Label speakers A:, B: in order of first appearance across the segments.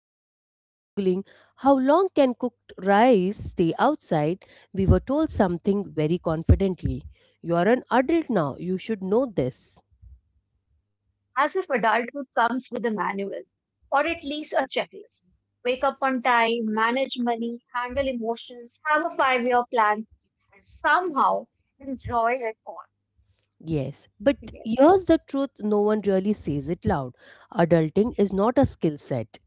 A: bill and googling how long can cooked rice stay outside, we were told something very confidently. You are an adult now, you should know this.
B: As if adulthood comes with a manual or at least a checklist. Wake up on time, manage money, handle emotions, have a five-year plan, and somehow enjoy it all.
A: Yes, but
B: Yes.
A: here's the truth no one really says it loud. Adulting is not a skill set.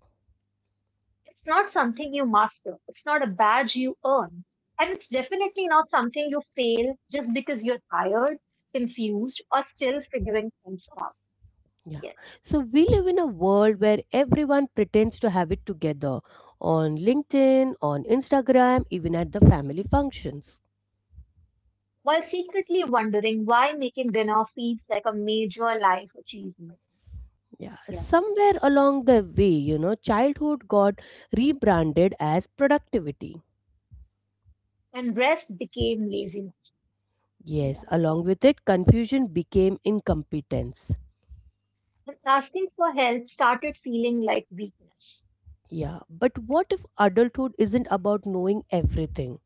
B: It's not something you master, it's not a badge you earn, and it's definitely not something you fail just because you're tired, confused, or still figuring things out.
A: Yeah.
B: Yes.
A: So we live in a world where everyone pretends to have it together on LinkedIn, on Instagram, even at the family functions.
B: While secretly wondering why making dinner feels like a major life achievement.
A: Yeah,
B: Yeah.
A: somewhere along the way, childhood got rebranded as productivity.
B: And rest became laziness.
A: Yes,
B: Yeah.
A: along with it, confusion became incompetence.
B: But asking for help started feeling like weakness.
A: Yeah, but
B: Yeah.
A: what if adulthood isn't about knowing everything?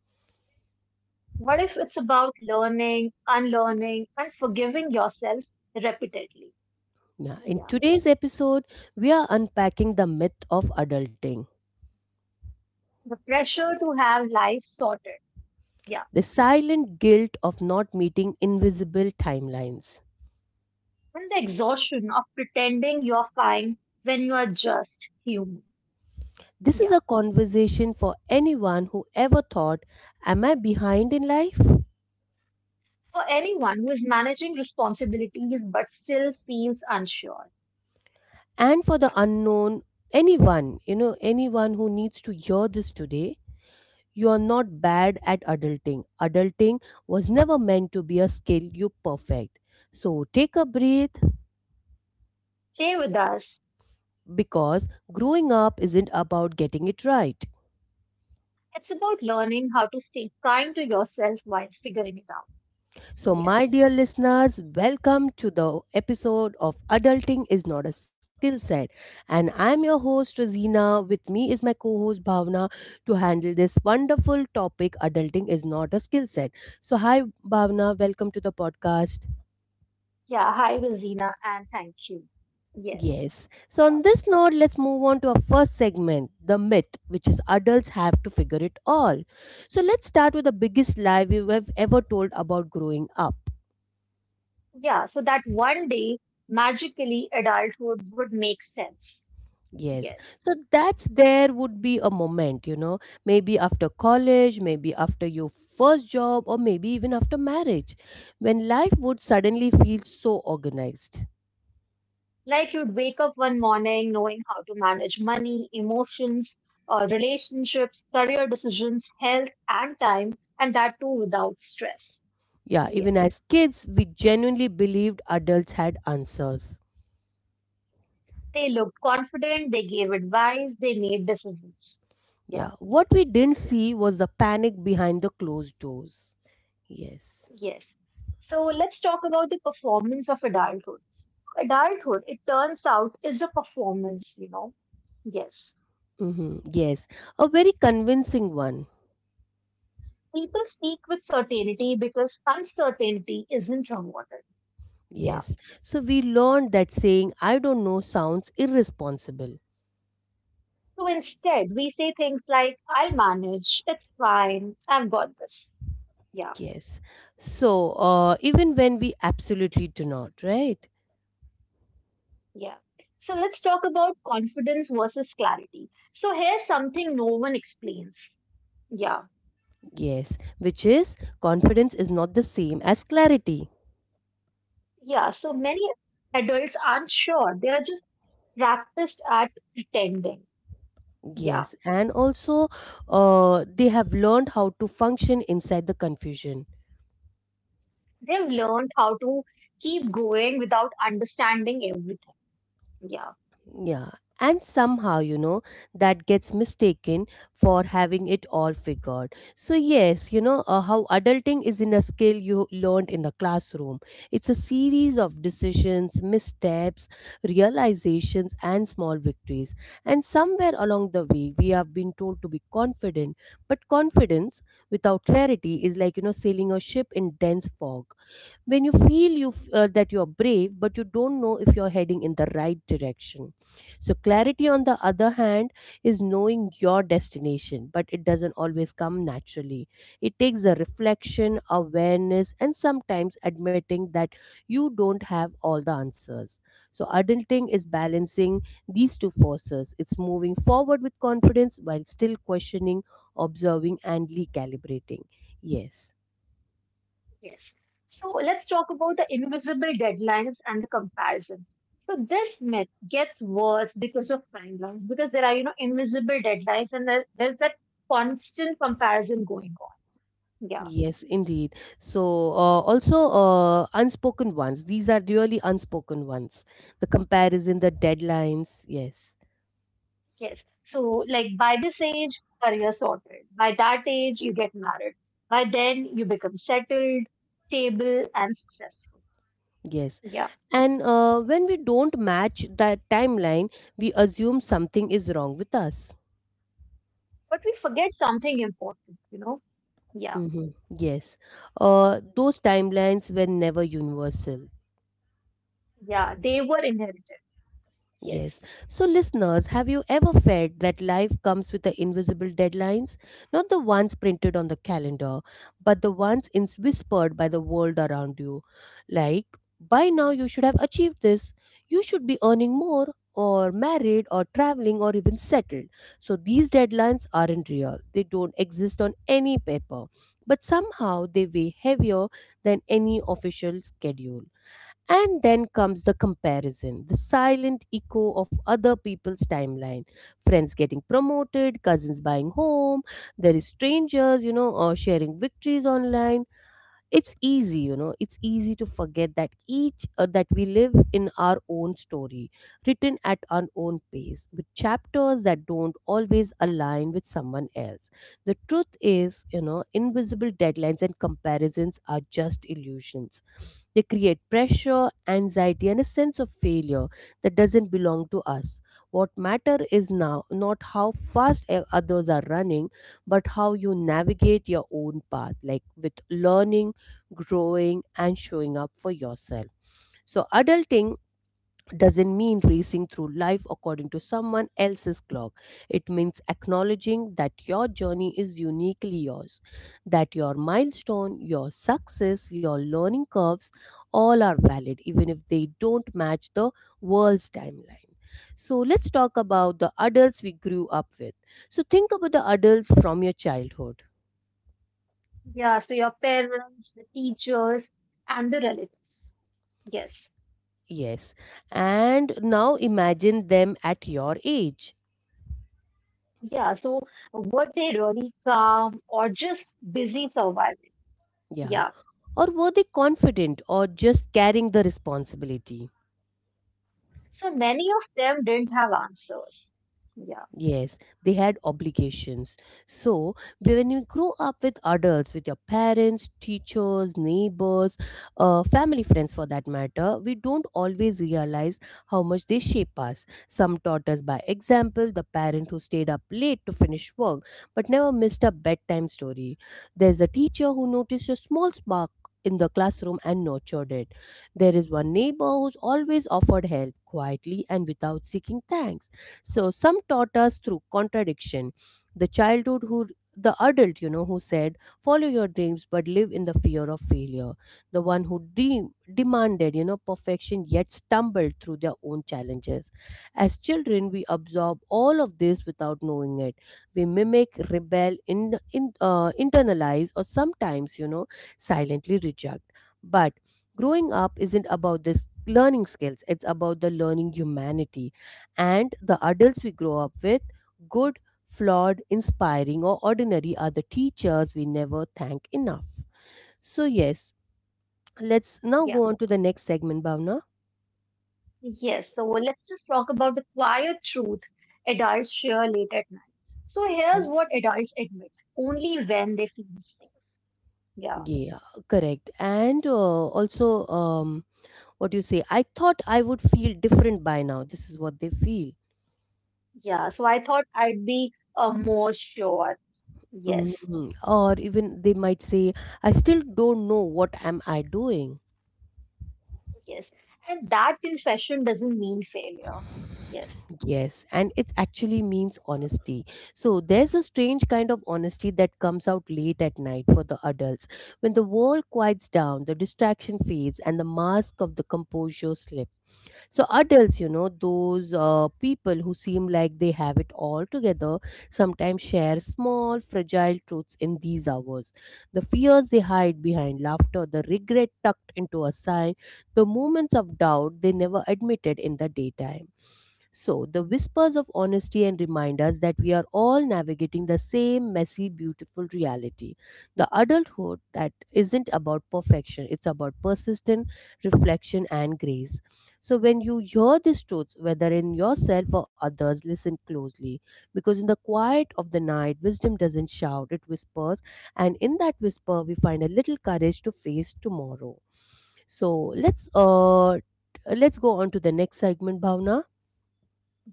B: What if it's about learning, unlearning, and forgiving yourself repeatedly?
A: Yeah, in
B: Yeah.
A: today's episode, we are unpacking the myth of adulting,
B: The pressure to have life sorted. Yeah.
A: the silent guilt of not meeting invisible timelines.
B: And the exhaustion of pretending you're fine when you are just human.
A: This is
B: Yeah.
A: a conversation for anyone who ever thought, am I behind in life?
B: For anyone who is managing responsibilities but still feels unsure.
A: And for
B: Yeah.
A: the unknown, anyone, anyone who needs to hear this today, you are not bad at adulting. Adulting was never meant to be a skill you perfect. So take a breath
B: Stay with us.
A: because growing up isn't about getting it right.
B: It's about learning how to stay kind to yourself while figuring it out.
A: So, my
B: Yes.
A: dear listeners, welcome to the episode of Adulting is Not a Skill Set. And I'm your host, Rosina. With me is my co host, Bhavna, to handle this wonderful topic Adulting is Not a Skill Set. So, hi, Bhavna. Welcome to the podcast.
B: Yeah, hi, Rosina, and thank you. Yes.
A: Yes. So,
B: Yeah.
A: on this note, let's move on to our first segment the myth, which is adults have to figure it all. So, let's start with the biggest lie we have ever told about growing up.
B: Yeah, so that one day, magically, adulthood would make sense.
A: Yes.
B: Yes.
A: So that's there would be a moment, maybe after college, maybe after your first job, or maybe even after marriage, when life would suddenly feel so organized.
B: Like you'd wake up one morning knowing how to manage money, emotions, relationships, career decisions, health, and time, and that too without stress.
A: Yeah, even
B: Yes.
A: as kids, we genuinely believed adults had answers.
B: They looked confident, they gave advice, they made decisions. Yeah.
A: Yeah, what we didn't see was the panic behind the closed doors. Yes.
B: Yes. So let's talk about the performance of adulthood. Adulthood, it turns out, is a performance. Yes.
A: Mm-hmm. Yes, a very convincing one.
B: People speak with certainty because uncertainty isn't rewarded. Yeah.
A: Yes. So we learned that saying, I don't know, sounds irresponsible.
B: So instead, we say things like, I'll manage, it's fine, I've got this. Yeah.
A: Yes. So, even when we absolutely do not, right?
B: Yeah. So let's talk about confidence versus clarity. So here's something no one explains. Yeah.
A: Yes. Which is confidence is not the same as clarity.
B: Yeah. So many adults aren't sure. They are just practiced at pretending. Yeah.
A: Yes. And also, they have learned how to function inside the confusion.
B: They've learned how to keep going without understanding everything. Yeah,
A: Yeah. And somehow, that gets mistaken for having it all figured. So, yes, how adulting is in a skill you learned in the classroom. It's a series of decisions, missteps, realizations, and small victories. And somewhere along the way, we have been told to be confident. But confidence without clarity is like, sailing a ship in dense fog when you feel that you're brave but you don't know if you're heading in the right direction. So clarity, on the other hand, is knowing your destination, but it doesn't always come naturally. It takes a reflection, awareness, and sometimes admitting that you don't have all the answers. So adulting is balancing these two forces. It's moving forward with confidence while still questioning, observing, and recalibrating. Yes.
B: yes. So let's talk about the invisible deadlines and the comparison. So this myth gets worse because of timelines, because there are, invisible deadlines and there's that constant comparison going on. Yeah,
A: Yes, indeed. So, also unspoken ones. These are really unspoken ones. The comparison, the deadlines. Yes,
B: yes. So like by this age, career sorted. By that age, you get married. By then, you become settled, stable, and successful.
A: yes.
B: Yeah.
A: And when we don't match that timeline, we assume something is wrong with us.
B: But we forget something important, you know? Yeah,
A: Mm-hmm. Yes. Those timelines were never universal.
B: yeah, they were inherited, yes.
A: Yes. So, listeners, have you ever felt that life comes with the invisible deadlines? Not the ones printed on the calendar, but the ones in whispered by the world around you. Like, by now you should have achieved this. You should be earning more, or married, or traveling, or even settled. So, these deadlines aren't real. They don't exist on any paper. But somehow they weigh heavier than any official schedule. And then comes the comparison, the silent echo of other people's timeline. Friends getting promoted, cousins buying home, there is strangers, or sharing victories online. It's easy, it's easy to forget that each that we live in our own story, written at our own pace, with chapters that don't always align with someone else. The truth is, invisible deadlines and comparisons are just illusions. They create pressure, anxiety, and a sense of failure that doesn't belong to us. What matters is now, not how fast others are running, but how you navigate your own path, like with learning, growing, and showing up for yourself. So, adulting doesn't mean racing through life according to someone else's clock. It means acknowledging that your journey is uniquely yours, that your milestone, your success, your learning curves all are valid, even if they don't match the world's timeline. So, let's talk about the adults we grew up with. So, think about the adults from your childhood.
B: Yeah, so your parents, the teachers, and the relatives. Yes.
A: Yes. And now imagine them at your age.
B: Yeah, so were they really calm or just busy surviving?
A: Yeah.
B: Yeah.
A: Or were they confident or just carrying the responsibility?
B: So many of them didn't have answers. Yeah,
A: Yes, they had obligations. So, when you grow up with adults, with your parents, teachers, neighbors, family friends for that matter, we don't always realize how much they shape us. Some taught us by example, the parent who stayed up late to finish work but never missed a bedtime story. There's a teacher who noticed a small spark in the classroom and nurtured it. There is one neighbor who's always offered help quietly and without seeking thanks. So some taught us through contradiction. The childhood who the adult, who said, follow your dreams but live in the fear of failure. The one who dream, Demanded, perfection yet stumbled through their own challenges. As children, we absorb all of this without knowing it. We mimic, rebel, internalize, or sometimes, silently reject. But growing up isn't about this learning skills, it's about the learning humanity, and the adults we grow up with, good, flawed, inspiring, or ordinary, are the teachers we never thank enough. So, yes, let's now
B: yeah.
A: go on to the next segment, Bhavna.
B: Yes, so let's just talk about the quiet truth adults share late at night. So here's
A: Mm.
B: what adults admit only when they feel safe. Yeah,
A: Yeah, correct. And also, um, what do you say? I thought I would feel different by now. This is what they feel.
B: yeah, so I thought I'd be more sure. Yes,
A: Mhm. Or even they might say, I still don't know what am I doing.
B: yes. And that confession doesn't mean failure. Yes,
A: Yes, and it actually means honesty. So there's a strange kind of honesty that comes out late at night for the adults. When the world quiets down, the distraction fades, and the mask of the composure slips. So adults, you know, those people who seem like they have it all together, sometimes share small, fragile truths in these hours. The fears they hide behind laughter, the regret tucked into a sigh, the moments of doubt they never admitted in the daytime. So, the whispers of honesty and reminders that we are all navigating the same messy, beautiful reality. The adulthood that isn't about perfection, it's about persistent reflection and grace. So, when you hear these truths, whether in yourself or others, listen closely. Because in the quiet of the night, wisdom doesn't shout, it whispers. And in that whisper, we find a little courage to face tomorrow. So, let's go on to the next segment, Bhavna.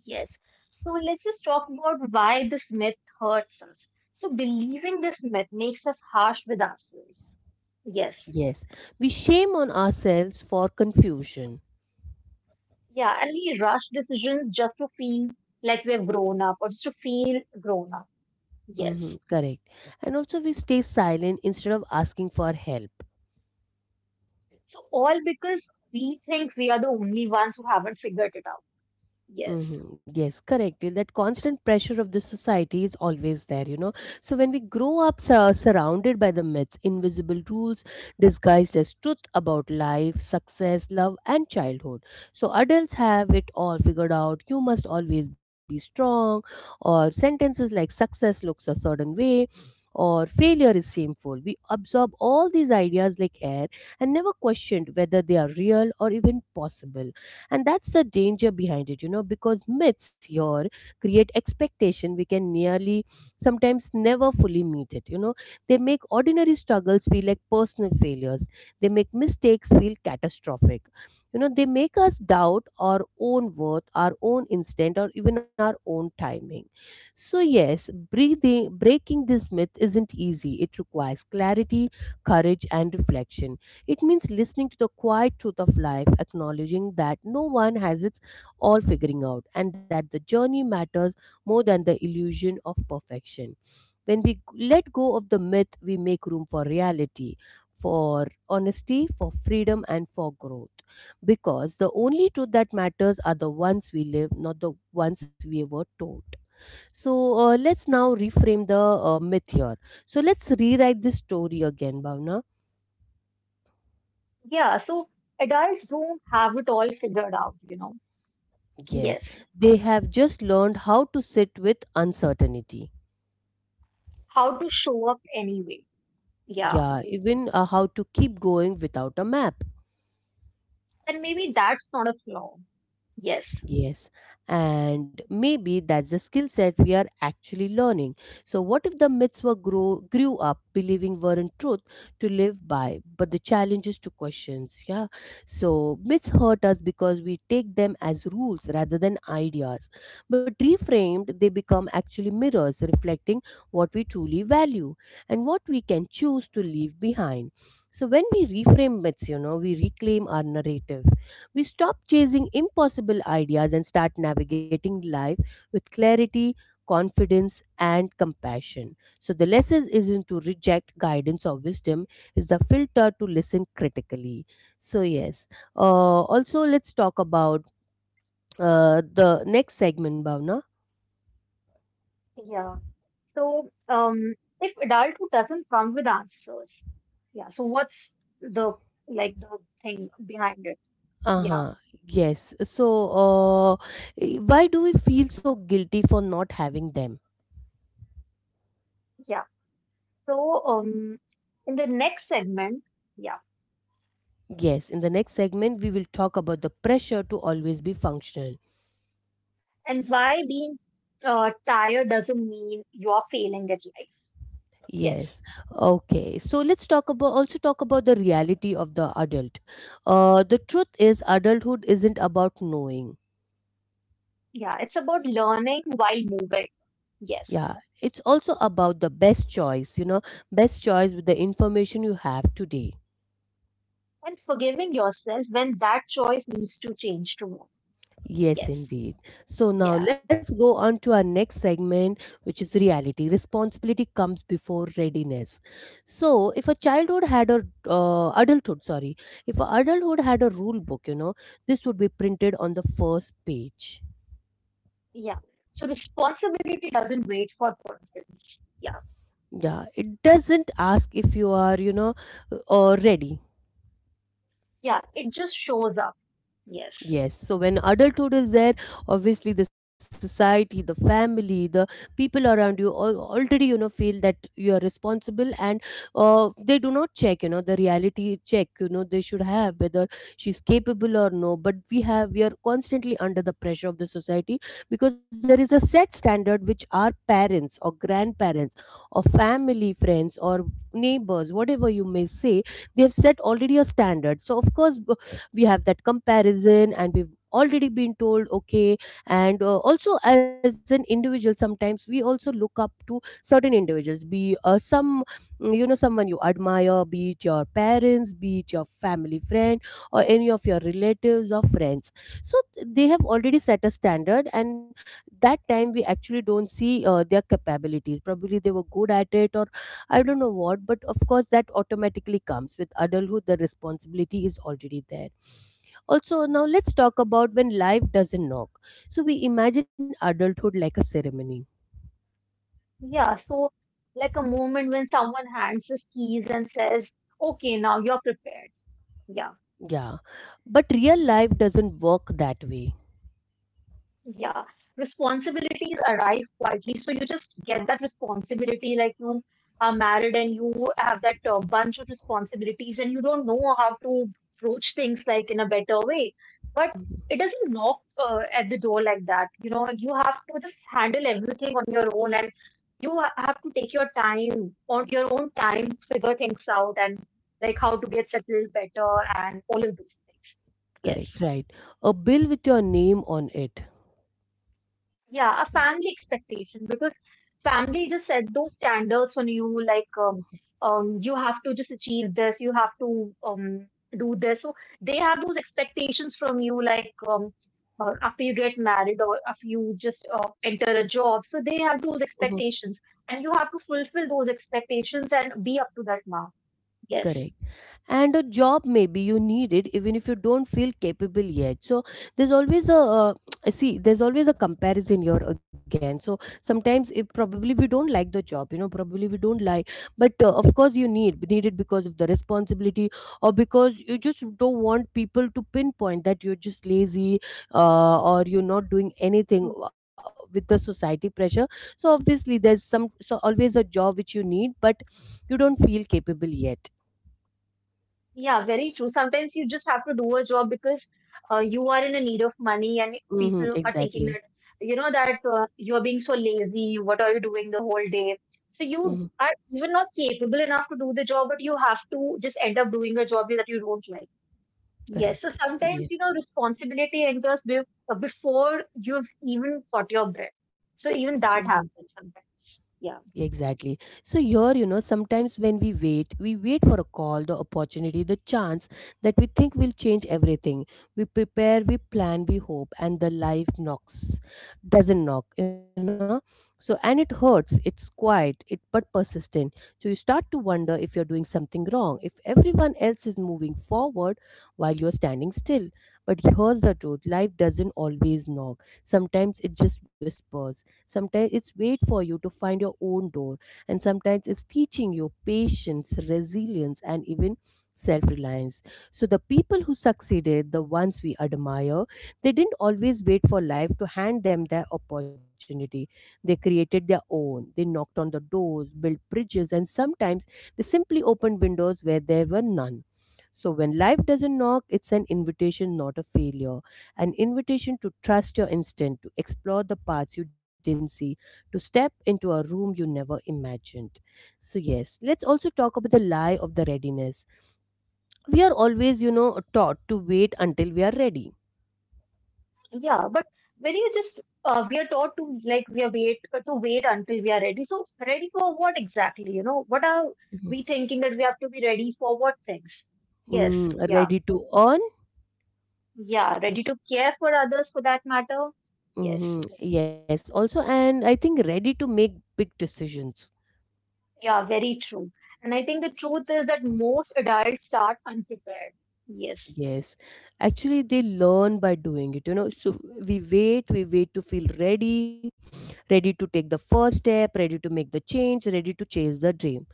B: yes. So let's just talk about why this myth hurts us. So believing this myth makes us harsh with ourselves. Yes,
A: Yes, we shame on ourselves for confusion.
B: yeah. And we rush decisions just to feel like we've grown up or just to feel grown up.
A: Mm-hmm,
B: Yes.
A: correct. And also, we stay silent instead of asking for help.
B: So all because we think we are the only ones who haven't figured it out. Yes.
A: Mm-hmm. Yes, correct. That constant pressure of the society is always there, So when we grow up surrounded by the myths, invisible rules disguised as truth about life, success, love, and childhood. So adults have it all figured out. You must always be strong, or sentences like success looks a certain way. Or failure is shameful. We absorb all these ideas like air and never questioned whether they are real or even possible. And that's the danger behind it, because myths here create expectation we can nearly sometimes never fully meet it, they make ordinary struggles feel like personal failures, they make mistakes feel catastrophic, they make us doubt our own worth, our own instinct, or even our own timing. So yes, breathing breaking this myth isn't easy. It requires clarity, courage, and reflection. It means listening to the quiet truth of life, acknowledging that no one has its all figuring out and that the journey matters more than the illusion of perfection. When we let go of the myth, we make room for reality, for honesty, for freedom, and for growth. Because the only truth that matters are the ones we live, not the ones we were told. So let's now reframe the myth here. So let's rewrite this story again, Bhavna.
B: Yeah, so adults don't have it all figured out.
A: Yes,
B: Yes.
A: they have just learned how to sit with uncertainty.
B: How to show up anyway. Yeah.
A: Yeah, even how to keep going without a map.
B: And maybe that's not a flaw. Yes.
A: Yes, and maybe that's the skill set we are actually learning. So, what if the myths grew up believing weren't truth to live by, but the challenge is to questions? Yeah, so myths hurt us because we take them as rules rather than ideas, but reframed, they become actually mirrors reflecting what we truly value and what we can choose to leave behind. So, when we reframe myths, we reclaim our narrative. We stop chasing impossible ideas and start navigating life with clarity, confidence, and compassion. So, the lesson isn't to reject guidance or wisdom, is the filter to listen critically. So, yes. Also, let's talk about the next segment, Bhavna.
B: Yeah. So, if adulthood doesn't come with answers, yeah. So what's the like the thing behind it?
A: Uh
B: Yeah.
A: huh. Yes. So, uh, why do we feel so guilty for not having them?
B: Yeah. So, in the next segment, yeah.
A: Yes, in the next segment, we will talk about the pressure to always be functional.
B: And why being tired doesn't mean you're failing at life. Yes.
A: Yes. Okay. So let's talk about also talk about the reality of the adult. The truth is, adulthood isn't about knowing.
B: Yeah, it's about learning while moving. Yes.
A: Yeah, it's also about the best choice. You know, best choice with the information you have today.
B: And forgiving yourself when that choice needs to change to move.
A: Yes,
B: Yes.
A: indeed. So
B: Yeah.
A: now let's go on to our next segment, which is reality. Responsibility comes before readiness. So if a childhood had a adulthood, sorry, if a adulthood had a rule book, you know, this would be printed on the first page.
B: Yeah. So responsibility doesn't wait for confidence. Yeah.
A: Yeah, it doesn't ask if you are, you know, ready.
B: Yeah. It just shows up. Yes.
A: Yes, so when adulthood is there, obviously the society, the family, the people around you all already, you know, feel that you are responsible, and they do not check, you know, the reality check, you know, they should have whether she's capable or no. But we are constantly under the pressure of the society because there is a set standard which our parents or grandparents or family friends or neighbors, whatever you may say, they have set already a standard. So of course we have that comparison and we've already been told okay, and also as an individual sometimes we also look up to certain individuals, be some you know, someone you admire, be it your parents, be it your family friend or any of your relatives or friends. So they have already set a standard, and that time we actually don't see their capabilities. Probably they were good at it, or I don't know what, but of course, that automatically comes with adulthood. The responsibility is already there. Also, now let's talk about when life doesn't knock. So, we imagine adulthood like a ceremony.
B: Yeah. So, like a moment when someone hands his keys and says, okay, now you're prepared. Yeah.
A: Yeah. But real life doesn't work that way.
B: Yeah, responsibilities arrive quietly. So you just get that responsibility, like you are married and you have that bunch of responsibilities, and you don't know how to approach things like in a better way. But
A: Mhm.
B: it doesn't knock at the door like that. You know, you have to just handle everything on your own, and you have to take your time on your own time, to figure things out, and like how to get settled better, and all of those things.
A: Correct.
B: Yes.
A: Right. A bill with your name on it.
B: Yeah, a family expectation, because family just set those standards on you, like, you have to just achieve this, you have to um do this. So they have those expectations from you, like, after you get married or after you just enter a job. So they have
A: Mhm.
B: those expectations, and you have to fulfill those expectations and be up to that mark. Yes.
A: Correct. And a job maybe you need it even if you don't feel capable yet. So there's always a see, there's always a comparison here again. So sometimes if probably we don't like the job, you know, probably we don't like, but of course you need it because of the responsibility, or because you just don't want people to pinpoint that you're just lazy, or you're not doing anything with the society pressure. So obviously there's some, so always a job which you need, but you don't feel capable yet.
B: Yeah, very true. Sometimes you just have to do a job because you are in a need of money, and people are
A: Hmm,
B: thinking that
A: exactly.
B: you know that you are being so lazy. What are you doing the whole day? So you
A: Mhm.
B: are even not capable enough to do the job, but you have to just end up doing a job that you don't like. Yes, so
A: Correct.
B: sometimes you
A: Yes.
B: know responsibility enters be before you've even caught your breath. So even that
A: Mhm.
B: happens sometimes. Yeah.
A: Exactly. So here, you know, sometimes when we wait for a call, the opportunity, the chance that we think will change everything. We prepare, we plan, we hope, and doesn't knock, you know. So and it hurts. It's quiet, it but persistent. So you start to wonder if you're doing something wrong, if everyone else is moving forward while you're standing still. But here's the truth: life doesn't always knock. Sometimes it just whispers, sometimes it's wait for you to find your own door, and sometimes it's teaching you patience, resilience, and even self-reliance. So the people who succeeded, the ones we admire, they didn't always wait for life to hand them their opportunity. They created their own, they knocked on the doors, built bridges, and sometimes they simply opened windows where there were none. So when life doesn't knock, it's an invitation, not a failure, an invitation to trust your instinct, to explore the paths you didn't see, to step into a room you never imagined. So, yes, let's also talk about the lie of the readiness. We are always, you know, taught to wait until we are ready.
B: Yeah, but when you just we are taught to, like, we are wait to wait until we are ready. So ready for what exactly? You know, what are
A: Mhm.
B: we thinking that we have to be ready for what things? Yes,
A: Mm,
B: yeah,
A: ready to earn?
B: yeah, ready to care for others for that matter. Yes,
A: Hmm. Yes, also, and I think ready to make big decisions.
B: yeah, very true. And I think the truth is that most adults start unprepared. Yes,
A: Yes, actually, they learn by doing it, you know. So we wait to feel ready, ready to take the first step, ready to make the change, ready to chase the dream.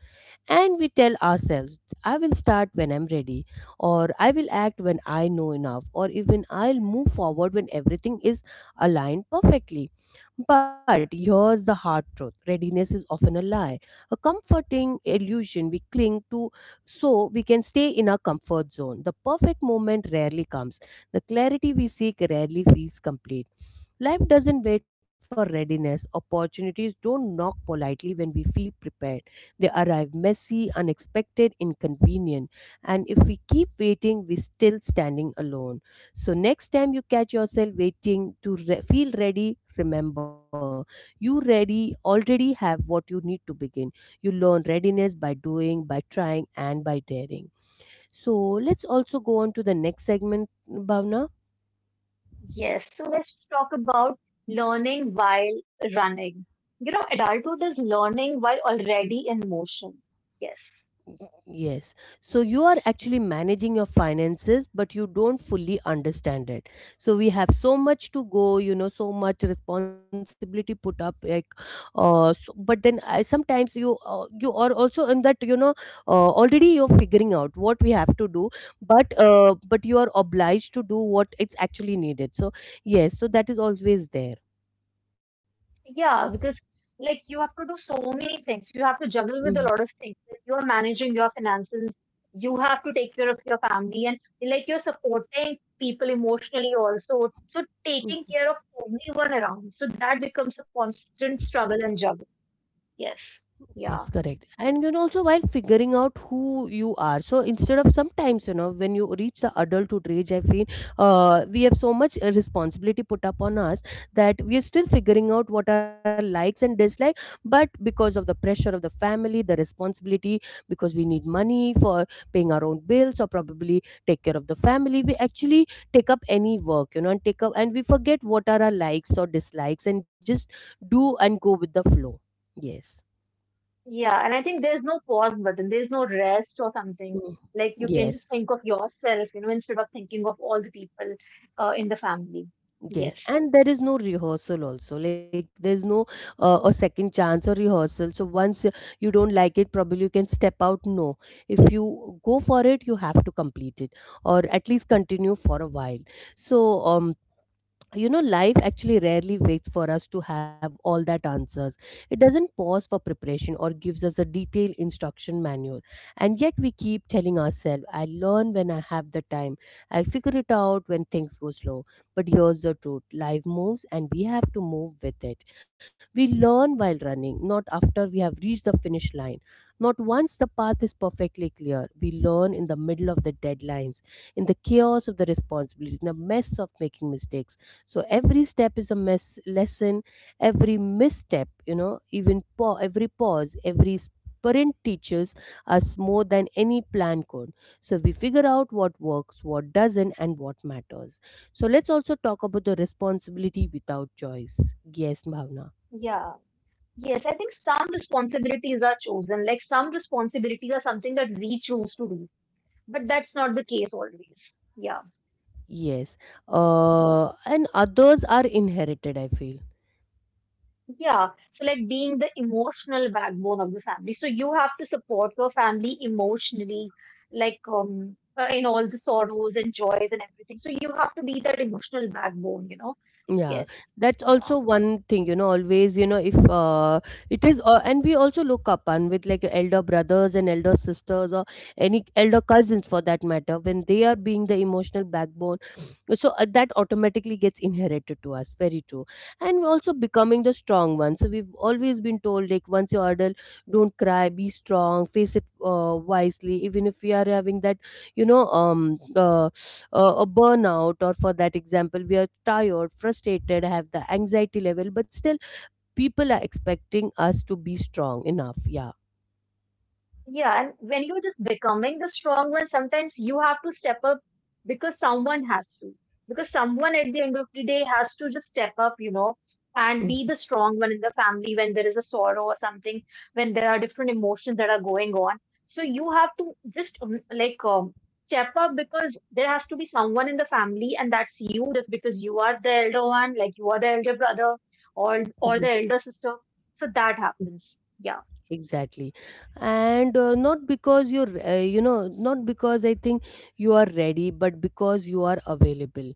A: And we tell ourselves, I will start when I'm ready, or I will act when I know enough, or even I'll move forward when everything is aligned perfectly. But here's the hard truth, readiness is often a lie, a comforting illusion we cling to so we can stay in our comfort zone. The perfect moment rarely comes, the clarity we seek rarely feels complete. Life doesn't wait for readiness. Opportunities don't knock politely when we feel prepared. They arrive messy, unexpected, inconvenient. And if we keep waiting, we're still standing alone. So, next time you catch yourself waiting to feel ready, remember you ready already have what you need to begin. You learn readiness by doing, by trying, and by daring. So, let's also go on to the next segment, Bhavna.
B: yes. So let's just talk about learning while running. You know, adulthood is learning while already in motion. Yes.
A: Yes. So you are actually managing your finances, but you don't fully understand it. So we have so much to go, you know, so much responsibility put up. Like, so, but sometimes you you are also in that, you know, already you're figuring out what we have to do, but you are obliged to do what it's actually needed. So yes, so that is always there.
B: Yeah, because like you have to do so many things. You have to juggle with a lot of things. Like you're managing your finances, you have to take care of your family, and like you're supporting people emotionally also. So taking care
A: Mhm.
B: of everyone around. So that becomes a constant struggle and juggle. Yes.
A: Yes,
B: Yeah.
A: correct. And you know, also while figuring out who you are, so instead of sometimes, you know, when you reach the adulthood age, I feel we have so much responsibility put upon us that we are still figuring out what our likes and dislikes. But because of the pressure of the family, the responsibility, because we need money for paying our own bills or probably take care of the family, we actually take up any work, you know, and take up and we forget what are our likes or dislikes and just do and go with the flow. Yes.
B: Yeah. And I think there's no pause button, there's no rest or something.
A: Mm.
B: Like you can just
A: Yes,
B: think of yourself, instead of thinking of all the people in the family.
A: yes,
B: Yes.
A: and there is no rehearsal also. Like there's no a second chance or rehearsal. So once you don't like it, probably you can step out. No, if you go for it, you have to complete it or at least continue for a while. So um, you know, life actually rarely waits for us to have all that answers. It doesn't pause for preparation or gives us a detailed instruction manual, and yet we keep telling ourselves, I'll learn when I have the time, I'll figure it out when things go slow. But here's the truth, life moves and we have to move with it. We learn while running, not after we have reached the finish line, not once the path is perfectly clear. We learn in the middle of the deadlines, in the chaos of the responsibility, in the mess of making mistakes. So every step is a mess lesson, every misstep, you know, even every pause, every sprint teaches us more than any plan could. So we figure out what works, what doesn't, and what matters. So let's also talk about the responsibility without choice. Yes, Bhavna.
B: Yeah. Yes, I think some responsibilities are chosen. Like some responsibilities are something that we choose to do, but that's not the case always. Yeah.
A: Yes,
B: Yes.
A: and others are inherited, I feel.
B: Yeah. So, like being the emotional backbone of the family. So, you have to support your family emotionally, like, in all the sorrows and joys and everything. So, you have to be that emotional backbone, you know?
A: Yeah,
B: Yes.
A: that's
B: Yeah.
A: also one thing, you know, always, you know, if it is, and we also look up on with like elder brothers and elder sisters or any elder cousins for that matter, when they are being the emotional backbone, so that automatically gets inherited to us. Very true. And we're also becoming the strong one. So we've always been told, like, once you're adult, don't cry, be strong, face it wisely, even if we are having that, you know, a burnout, or for that example we are tired, frustrated, have the anxiety level, but still people are expecting us to be strong enough. Yeah.
B: Yeah, and when you're just becoming the strong one, sometimes you have to step up because someone has to. Because someone at the end of the day has to just step up, and be
A: Mhm.
B: the strong one in the family when there is a sorrow or something, when there are different emotions that are going on. So you have to just like step up because there has to be someone in the family, and that's you, just because you are the elder one, like you are the elder brother or
A: Mhm.
B: or the elder sister. So that happens. Yeah.
A: Exactly. And not because you're you know, not because I think you are ready, but because you are available.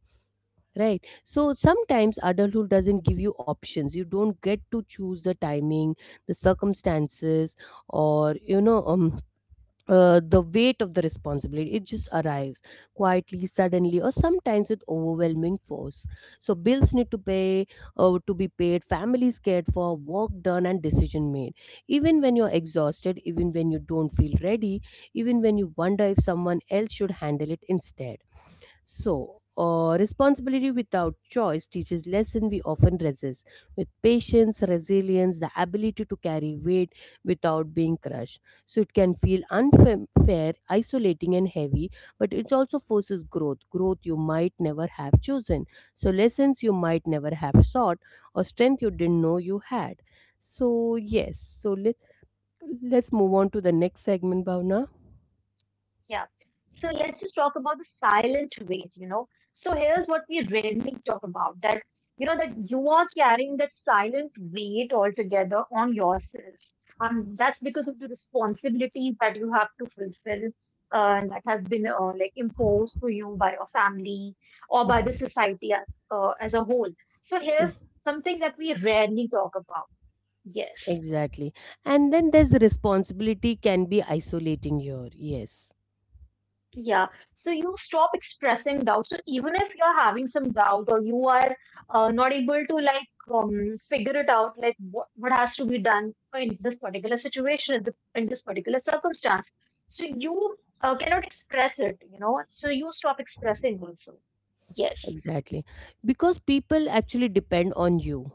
A: Right, so sometimes adulthood doesn't give you options. You don't get to choose the timing, the circumstances, or, you know, the weight of the responsibility. It just arrives quietly, suddenly, or sometimes with overwhelming force. So bills need to pay, to be paid, families cared for, work done, and decision made, even when you're exhausted, even when you don't feel ready, even when you wonder if someone else should handle it instead. So, responsibility without choice teaches lesson we often resist, with patience, resilience, the ability to carry weight without being crushed. So it can feel unfair, isolating, and heavy, but it also forces growth, growth you might never have chosen. So lessons you might never have sought or strength you didn't know you had. So let's move on to the next segment, Bhavna.
B: Yeah. So let's just talk about the silent weight. So here's what we rarely talk about that, that you are carrying that silent weight altogether on yourself. And that's because of the responsibilities that you have to fulfill and that has been like imposed to you by your family or by the society as a whole. So here's something that we rarely talk about. Yes.
A: Exactly. And then there's responsibility can be isolating here. Yes,
B: Yeah, so you stop expressing doubt. So even if you're having some doubt or you are not able to, like, figure it out, like what has to be done in this particular situation, in this particular circumstance, so you cannot express it, so you stop expressing also. Yes,
A: exactly. Because people actually depend on you.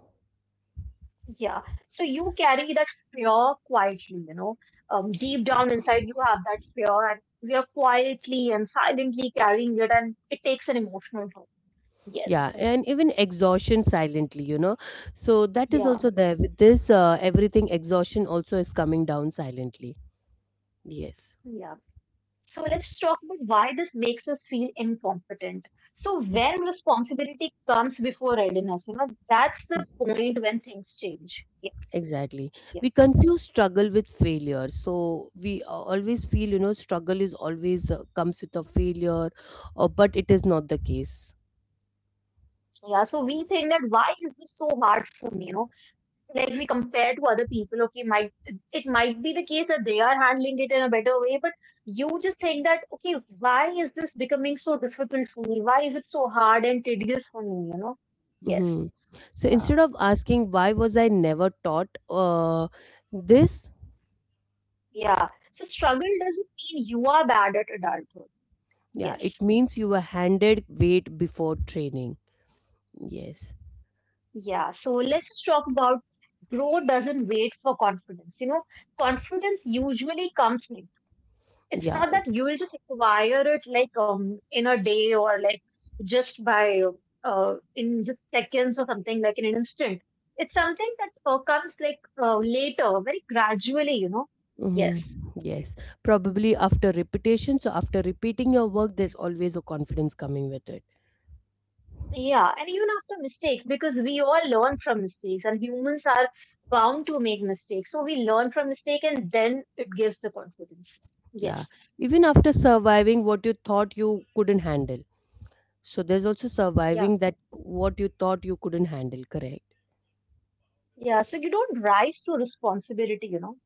B: yeah. So you carry that fear quietly, deep down inside you have that fear, and we are quietly and silently carrying it, and it takes an emotional toll. Yes.
A: Yeah, and even exhaustion silently. So that is
B: Yeah,
A: also there with this everything exhaustion also is coming down silently. Yes.
B: yeah. So let's just talk about why this makes us feel incompetent. So
A: Mhm.
B: when responsibility comes before readiness, that's the point when things change. Yeah,
A: Exactly.
B: yeah.
A: We confuse struggle with failure. So we always feel, struggle is always comes with a failure, but it is not the case.
B: So, yeah. So we think that why is this so hard for me? You know, like we compare to other people, okay, might it might be the case that they are handling it in a better way, but you just think that, okay, why is this becoming so difficult for me? Why is it so hard and tedious for me? You know? Yes.
A: hmm So
B: Yeah.
A: instead of asking why was I never taught this,
B: Yeah. So struggle doesn't mean you are bad at adulthood.
A: yeah,
B: Yes.
A: it means you were handed weight before training. Yes.
B: Yeah. So let's just talk about growth doesn't wait for confidence. You know, confidence usually comes like it's not
A: Yeah.
B: that you will just acquire it like in a day or like just by in just seconds or something like in an instant. It's something that comes like later, very gradually. You know.
A: hmm
B: Yes.
A: Yes. Probably after repetition. So after repeating your work, there's always a confidence coming with it.
B: Yeah, and even after mistakes, because we all learn from mistakes and humans are bound to make mistakes. So we learn from mistake and then it gives the confidence.
A: Yeah.
B: Yes.
A: Even after surviving what you thought you couldn't handle. So there's also
B: Yeah.
A: surviving that what you thought you couldn't handle, correct?
B: Yeah. So you don't rise to responsibility, you know?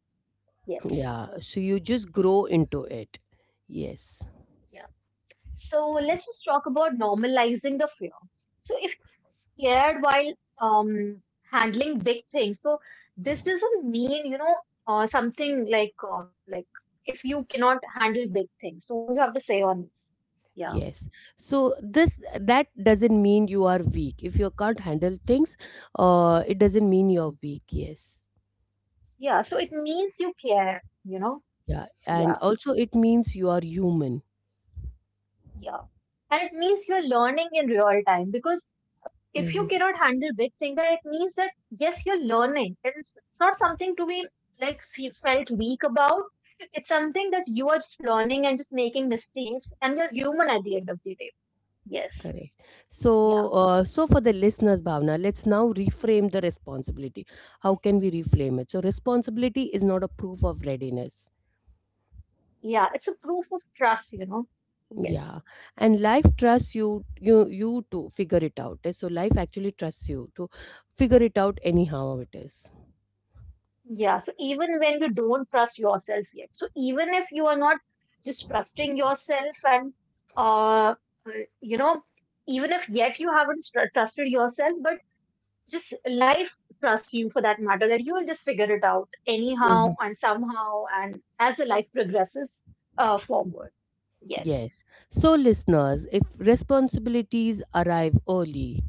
B: Yes.
A: Yeah. So you just grow into it. Yes.
B: Yeah. So let's just talk about normalizing the fear. So if you're scared while um handling big things, so this doesn't mean, something like if you cannot handle big things. So what do you have to say on yeah.
A: Yes. So this that doesn't mean you are weak. If you can't handle things, it doesn't mean you're weak. Yes.
B: Yeah, so it means you care, you know?
A: Yeah. And
B: Yeah,
A: also, it means you are human.
B: yeah. And it means you're learning in real time because if you
A: hmm
B: cannot handle big things, then it means that yes, you're learning. And it's not something to be like felt weak about. It's something that you are just learning and just making mistakes, and you're human at the end of the day. Yes,
A: Correct.
B: yeah,
A: So for the listeners, Bhavna, let's now reframe the responsibility. How can we reframe it? So, responsibility is not a proof of readiness.
B: yeah. It's a proof of trust, you know? Yes.
A: Yeah, and life trusts you to figure it out. So, life actually trusts you to figure it out anyhow it is.
B: Yeah, so even when you don't trust yourself yet, so even if you are not just trusting yourself and uh uh, you know, even if yet you haven't trusted yourself, but just life trusts you for that matter that you will just figure it out anyhow
A: Mm-hmm.
B: and somehow and as the life progresses forward. Yes.
A: Yes. So, listeners, if responsibilities arrive early,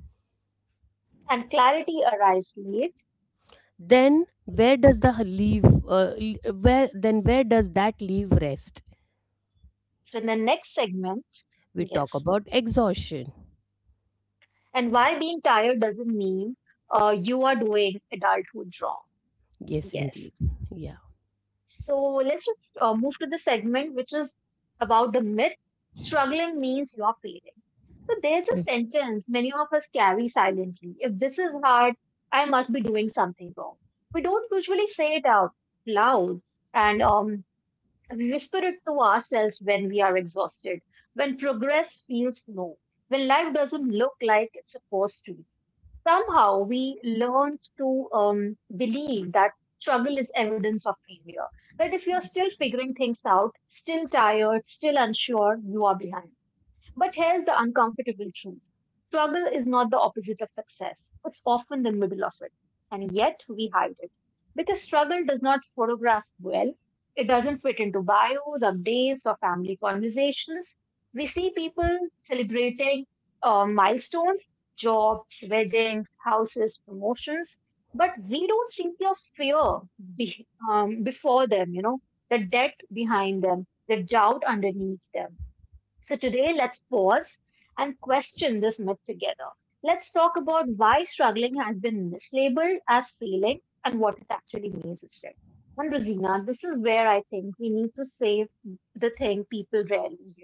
B: And clarity arrives late.
A: then where does the leave? L- where then where does that leave rest?
B: So in the next segment,
A: We talk
B: yes.
A: about exhaustion.
B: And why being tired doesn't mean you are doing adulthood wrong.
A: Yes,
B: Yes.
A: indeed. Yeah.
B: So let's just move to the segment which is about the myth struggling means you are failing. So there's a sentence many of us carry silently. If this is hard, I must be doing something wrong. We don't usually say it out loud, and we whisper it to ourselves when we are exhausted, when progress feels slow, when life doesn't look like it's supposed to. Somehow we learned to believe that struggle is evidence of failure. That if you're still figuring things out, still tired, still unsure, you are behind. But here's the uncomfortable truth: struggle is not the opposite of success, it's often the middle of it. And yet we hide it. Because struggle does not photograph well, it doesn't fit into bios, updates, or family conversations. We see people celebrating milestones, jobs, weddings, houses, promotions, but we don't see the fear before them, you know, the debt behind them, the doubt underneath them. So today, let's pause and question this myth together. Let's talk about why struggling has been mislabeled as failing and what it actually means instead. And Rosina, this is where I think we need to save the thing people rarely hear.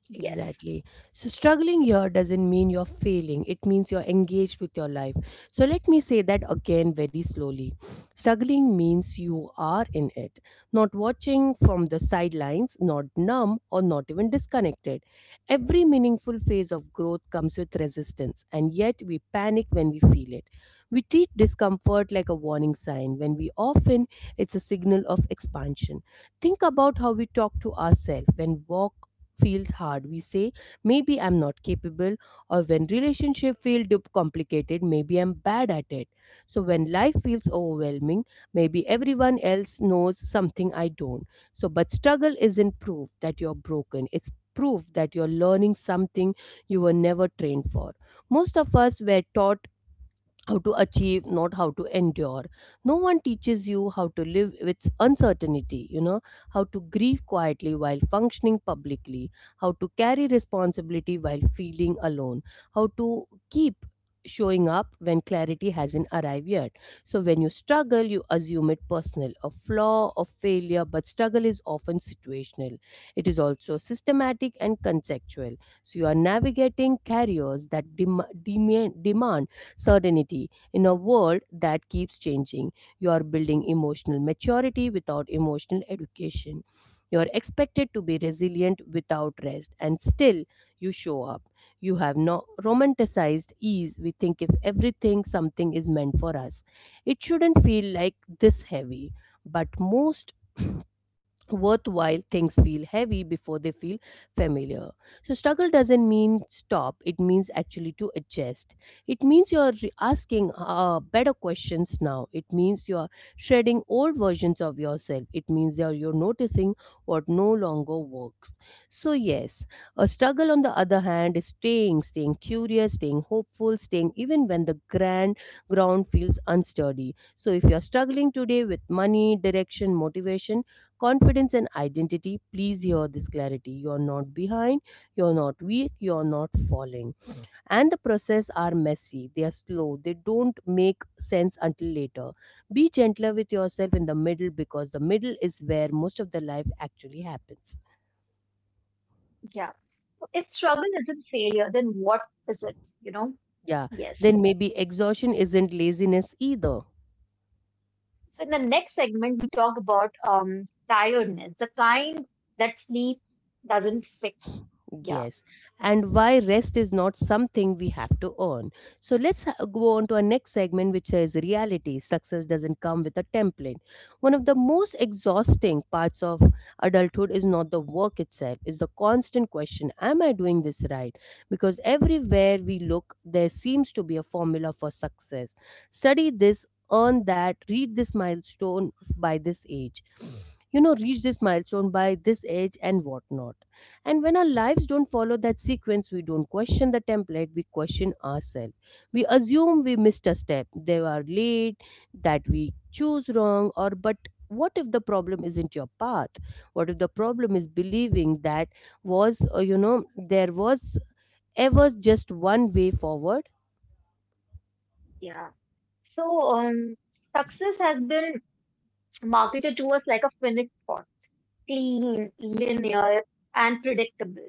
B: Yes.
A: Exactly. So, struggling here doesn't mean you're failing, it means you're engaged with your life. So, let me say that again very slowly. Struggling means you are in it, not watching from the sidelines, not numb, or not even disconnected. Every meaningful phase of growth comes with resistance, and yet we panic when we feel it. We treat discomfort like a warning sign, when we often it's a signal of expansion. Think about how we talk to ourselves when walk feels hard. We say, maybe I'm not capable, or when relationship feel complicated, maybe I'm bad at it. So when life feels overwhelming, maybe everyone else knows something I don't. So, but struggle isn't proof that you're broken. It's proof that you're learning something you were never trained for. Most of us were taught how to achieve, not how to endure. No one teaches you how to live with uncertainty, you know, how to grieve quietly while functioning publicly, how to carry responsibility while feeling alone, how to keep showing up when clarity hasn't arrived yet. So when you struggle, you assume it personal, a flaw, a failure, but struggle is often situational. It is also systematic and conceptual. So you are navigating carriers that demand certainty. In a world that keeps changing, you are building emotional maturity without emotional education. You are expected to be resilient without rest, and still you show up. You have no romanticized ease. We think if everything, something is meant for us. It shouldn't feel like this heavy, but most worthwhile things feel heavy before they feel familiar. So struggle doesn't mean stop, it means actually to adjust. It means you're asking better questions now. It means you're shredding old versions of yourself. It means you're noticing what no longer works. So yes, a struggle on the other hand is staying, staying curious, staying hopeful, staying even when the grand ground feels unsteady. So if you're struggling today with money, direction, motivation, confidence and identity, please hear this clarity. You're not behind, you're not weak, you're not falling, and the process are messy, they are slow, they don't make sense until later. Be gentler with yourself in the middle, because the middle is where most of the life actually happens.
B: Yeah. If struggle isn't failure, then what is it? You know?
A: Yeah,
B: Yes.
A: then maybe exhaustion isn't laziness either.
B: So in the next segment, we talk about tiredness, the kind that sleep doesn't fix. Yeah.
A: Yes, and why rest is not something we have to earn. So go on to our next segment, which says reality. Success doesn't come with a template. One of the most exhausting parts of adulthood is not the work itself, it's the constant question, am I doing this right? Because everywhere we look, there seems to be a formula for success. Study this, earn that, read this milestone by this age. You know, reach this milestone by this age and whatnot, and when our lives don't follow that sequence, we don't question the template, we question ourselves. We assume we missed a step, they were late, that we choose wrong, or but what if the problem isn't your path? What if the problem is believing that you know, there was ever just one way forward?
B: Yeah. So, success has been marketed to us like a finished product, clean, linear, and predictable.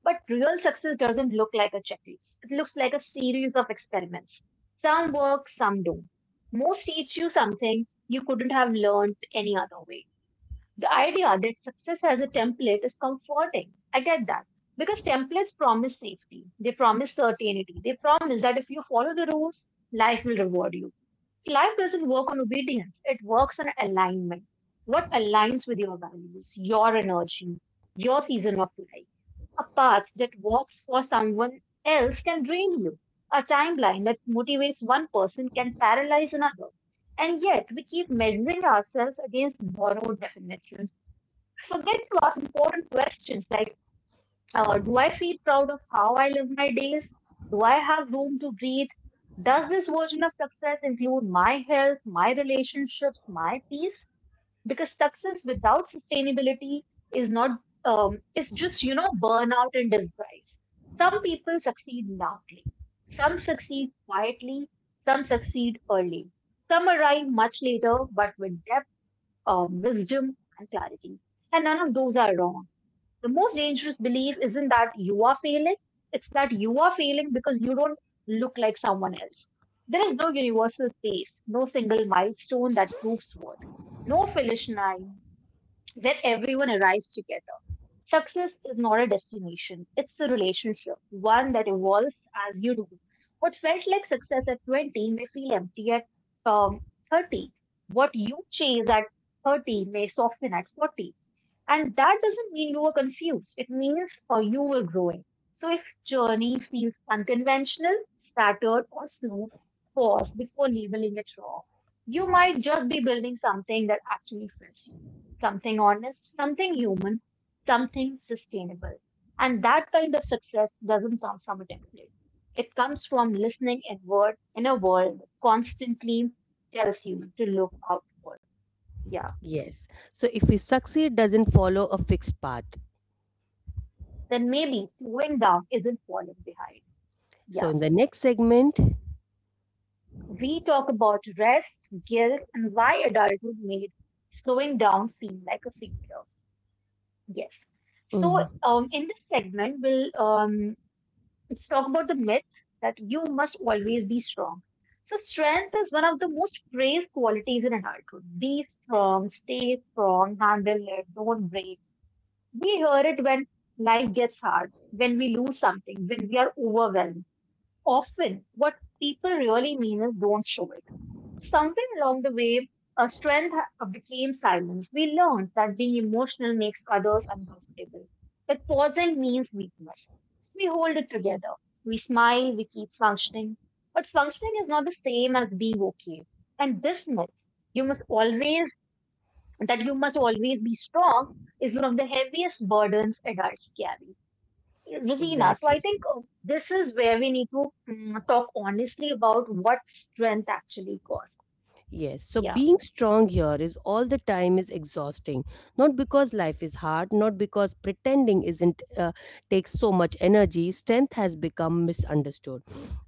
B: But real success doesn't look like a checklist. It looks like a series of experiments. Some work, some don't. Most teach you something you couldn't have learned any other way. The idea that success as a template is comforting. I get that. Because templates promise safety, they promise certainty, they promise that if you follow the rules, life will reward you. Life doesn't work on obedience, it works on alignment. What aligns with your values, your energy, your season of life? A path that works for someone else can drain you. A timeline that motivates one person can paralyze another. And yet, we keep measuring ourselves against borrowed definitions. Forget to ask important questions like: do I feel proud of how I live my days? Do I have room to breathe? Does this version of success include my health, my relationships, my peace? Because success without sustainability is not, it's just, you know, burnout in disguise. Some people succeed loudly, some succeed quietly, some succeed early, some arrive much later, but with depth, wisdom, and clarity. And none of those are wrong. The most dangerous belief isn't that you are failing, it's that you are failing because you don't look like someone else. There is no universal pace, no single milestone that proves worth, no finish line where everyone arrives together. Success is not a destination, it's a relationship, one that evolves as you do. What felt like success at 20 may feel empty at um, 30. What you chase at 30 may soften at 40. And that doesn't mean you were confused, it means you were growing. So if journey feels unconventional, scattered, or slow, pause before labeling it wrong. You might just be building something that actually fits you, something honest, something human, something sustainable. And that kind of success doesn't come from a template. It comes from listening inward in a world that constantly tells you to look outward. Yeah.
A: Yes. So if we succeed, doesn't follow a fixed path.
B: Then maybe slowing down isn't falling behind.
A: So
B: Yeah.
A: in the next segment,
B: We talk about rest, guilt, and why adulthood made slowing down seem like a failure. Yes. So
A: Mhm.
B: in this segment, we'll let's talk about the myth that you must always be strong. So, strength is one of the most praised qualities in adulthood. Be strong, stay strong, handle it, don't break. We hear it when life gets hard, when we lose something, when we are overwhelmed. Often, what people really mean is don't show it. Somewhere along the way, a strength became silence. We learned that being emotional makes others uncomfortable. But pausing means weakness. So we hold it together. We smile, we keep functioning. But functioning is not the same as being okay. And this myth, you must always, that you must always be strong, is one of the heaviest burdens adults carry. Rosina, so I
A: Exactly.
B: think this is where we need to talk honestly about what strength actually costs.
A: Yes, so
B: Yeah.
A: being strong here is all the time is exhausting. Not because life is hard, not because pretending isn't takes so much energy. Strength has become misunderstood.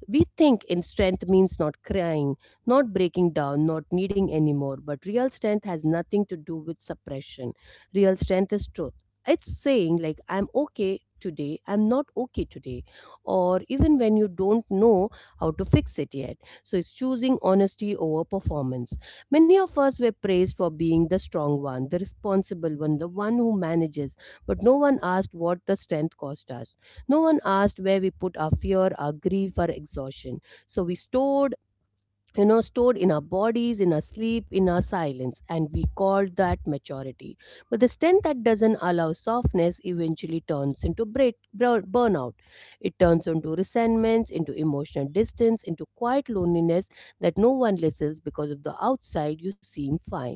A: We think in strength means not crying, not breaking down, not needing anymore, but real strength has nothing to do with suppression. Real strength is truth. It's saying, like, I'm okay today, I'm not okay today, or even when you don't know how to fix it yet. So it's choosing honesty over performance. Many of us were praised for being the strong one, the responsible one, the one who manages, but no one asked what the strength cost us. No one asked where we put our fear, our grief, our exhaustion. So we stored, you know, stored in our bodies, in our sleep, in our silence, and we called that maturity. But the strength that doesn't allow softness eventually turns into burnout. It turns into resentments, into emotional distance, into quiet loneliness that no one listens because of the outside you seem fine.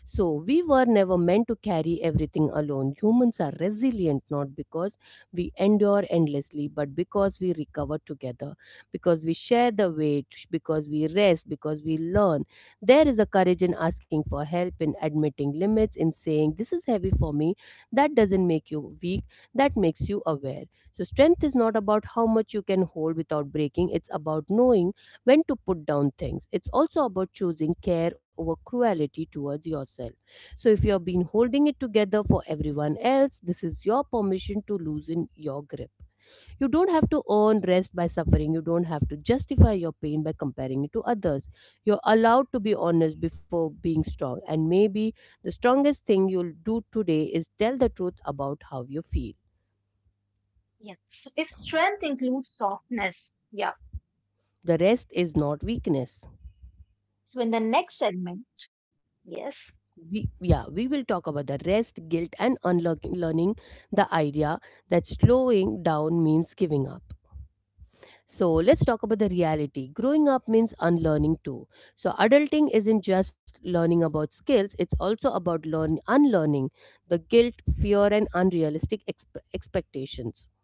A: So, we were never meant to carry everything alone. Humans are resilient not because we endure endlessly, but because we recover together, because we share the weight, because we rest, because we learn. There is a courage in asking for help, in admitting limits, in saying, this is heavy for me. That doesn't make you weak, that makes you aware. So, strength is not about how much you can hold without breaking, it's about knowing when to put down things. It's also about choosing care over cruelty towards yourself. So, if you have been holding it together for everyone else, this is your permission to loosen your grip. You don't have to earn rest by suffering, you don't have to justify your pain by comparing it to others. You're allowed to be honest before being strong, and maybe the strongest thing you'll do today is tell the truth about how you feel.
B: Yeah. So if strength includes softness, yeah.
A: The rest is not weakness.
B: So in the next segment, yes.
A: We will talk about the rest guilt and unlearning the idea that slowing down means giving up. So let's talk about the reality, growing up means unlearning too. So adulting isn't just learning about skills, it's also about learn unlearning the guilt, fear and unrealistic expectations.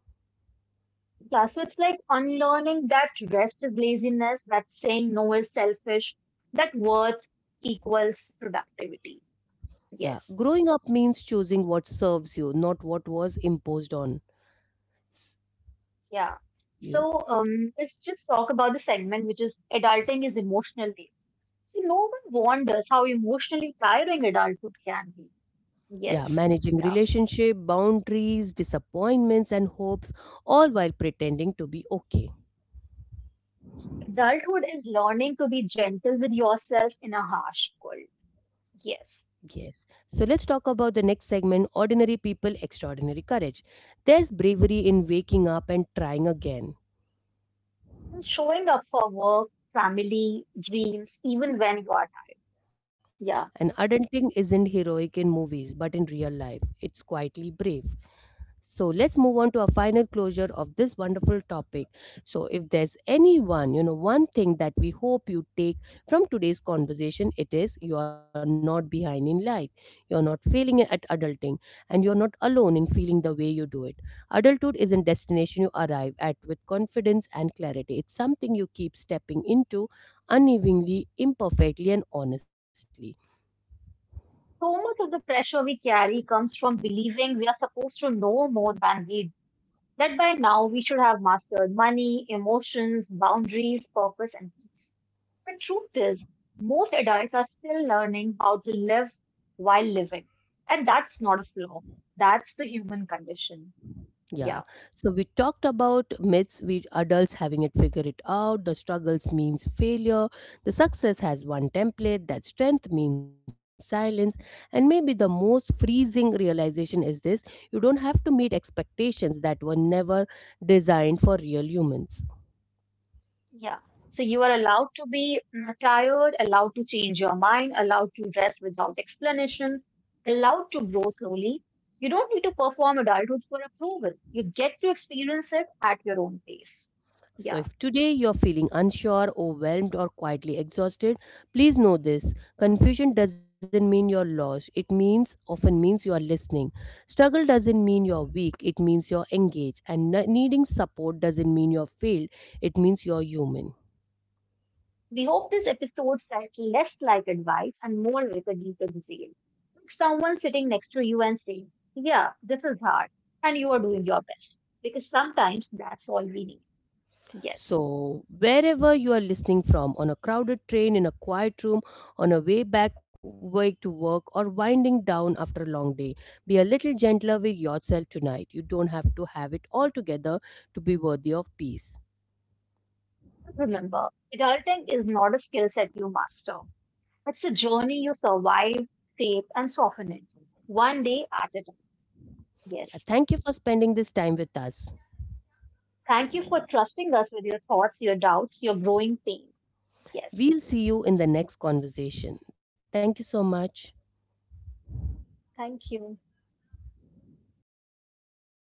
B: Yeah, so it's like unlearning that rest is laziness, that saying no is selfish, that worth equals productivity.
A: Yeah,
B: Yes,
A: growing up means choosing what serves you, not what was imposed on s-
B: yeah.
A: you.
B: So let's just talk about the segment which is adulting is emotional labor. So no one wonders how emotionally tiring adulthood can be. Yes,
A: Yeah, managing
B: yeah.
A: relationship, boundaries, disappointments, and hopes, all while pretending to be okay.
B: Adulthood is learning to be gentle with yourself in a harsh world. Yes,
A: Yes. So let's talk about the next segment, Ordinary People, Extraordinary Courage. There's bravery in waking up and trying again.
B: and showing up for work, family, dreams, even when you are tired. Yeah.
A: And adulting isn't heroic in movies, but in real life, it's quietly brave. So let's move on to our final closure of this wonderful topic. So if there's anyone, you know, one thing that we hope you take from today's conversation, it is you are not behind in life. You're not failing at adulting, and you're not alone in feeling the way you do it. Adulthood isn't destination you arrive at with confidence and clarity. It's something you keep stepping into unevenly, imperfectly and honestly.
B: So much of the pressure we carry comes from believing we are supposed to know more than we do, that by now we should have mastered money, emotions, boundaries, purpose, and peace. The truth is, most adults are still learning how to live while living. And that's not a flaw, that's the human condition.
A: Yeah.
B: Yeah.
A: So we talked about myths, we adults having it figure it out, the struggles means failure, the success has one template, that strength means silence, and maybe the most freezing realization is this. You don't have to meet expectations that were never designed for real humans.
B: Yeah. So you are allowed to be tired, allowed to change your mind, allowed to rest without explanation, allowed to grow slowly. You don't need to perform adulthood for approval. You get to experience it at your own pace. Yeah.
A: So, if today you're feeling unsure, overwhelmed, or quietly exhausted, please know this. Confusion doesn't mean you're lost. It means, often means you're listening. Struggle doesn't mean you're weak. It means you're engaged. And needing support doesn't mean you're failed. It means you're human.
B: We hope this episode felt less like advice and more like a deep insight. Someone sitting next to you and saying, "Yeah, this is hard, and you are doing your best." Because sometimes that's all we need. Yes.
A: So, wherever you are listening from, on a crowded train, in a quiet room, on a way back way to work, or winding down after a long day, be a little gentler with yourself tonight. You don't have to have it all together to be worthy of peace.
B: Remember, adulting is not a skill set you master. It's a journey you survive, shape, and soften it, one day at a time.
A: Yeah, thank you
B: Yes.
A: for spending this time with us.
B: Thank you for trusting us with your thoughts, your doubts, your growing pain. Yes.
A: We'll see you in the next conversation. Thank you so much.
B: Thank you.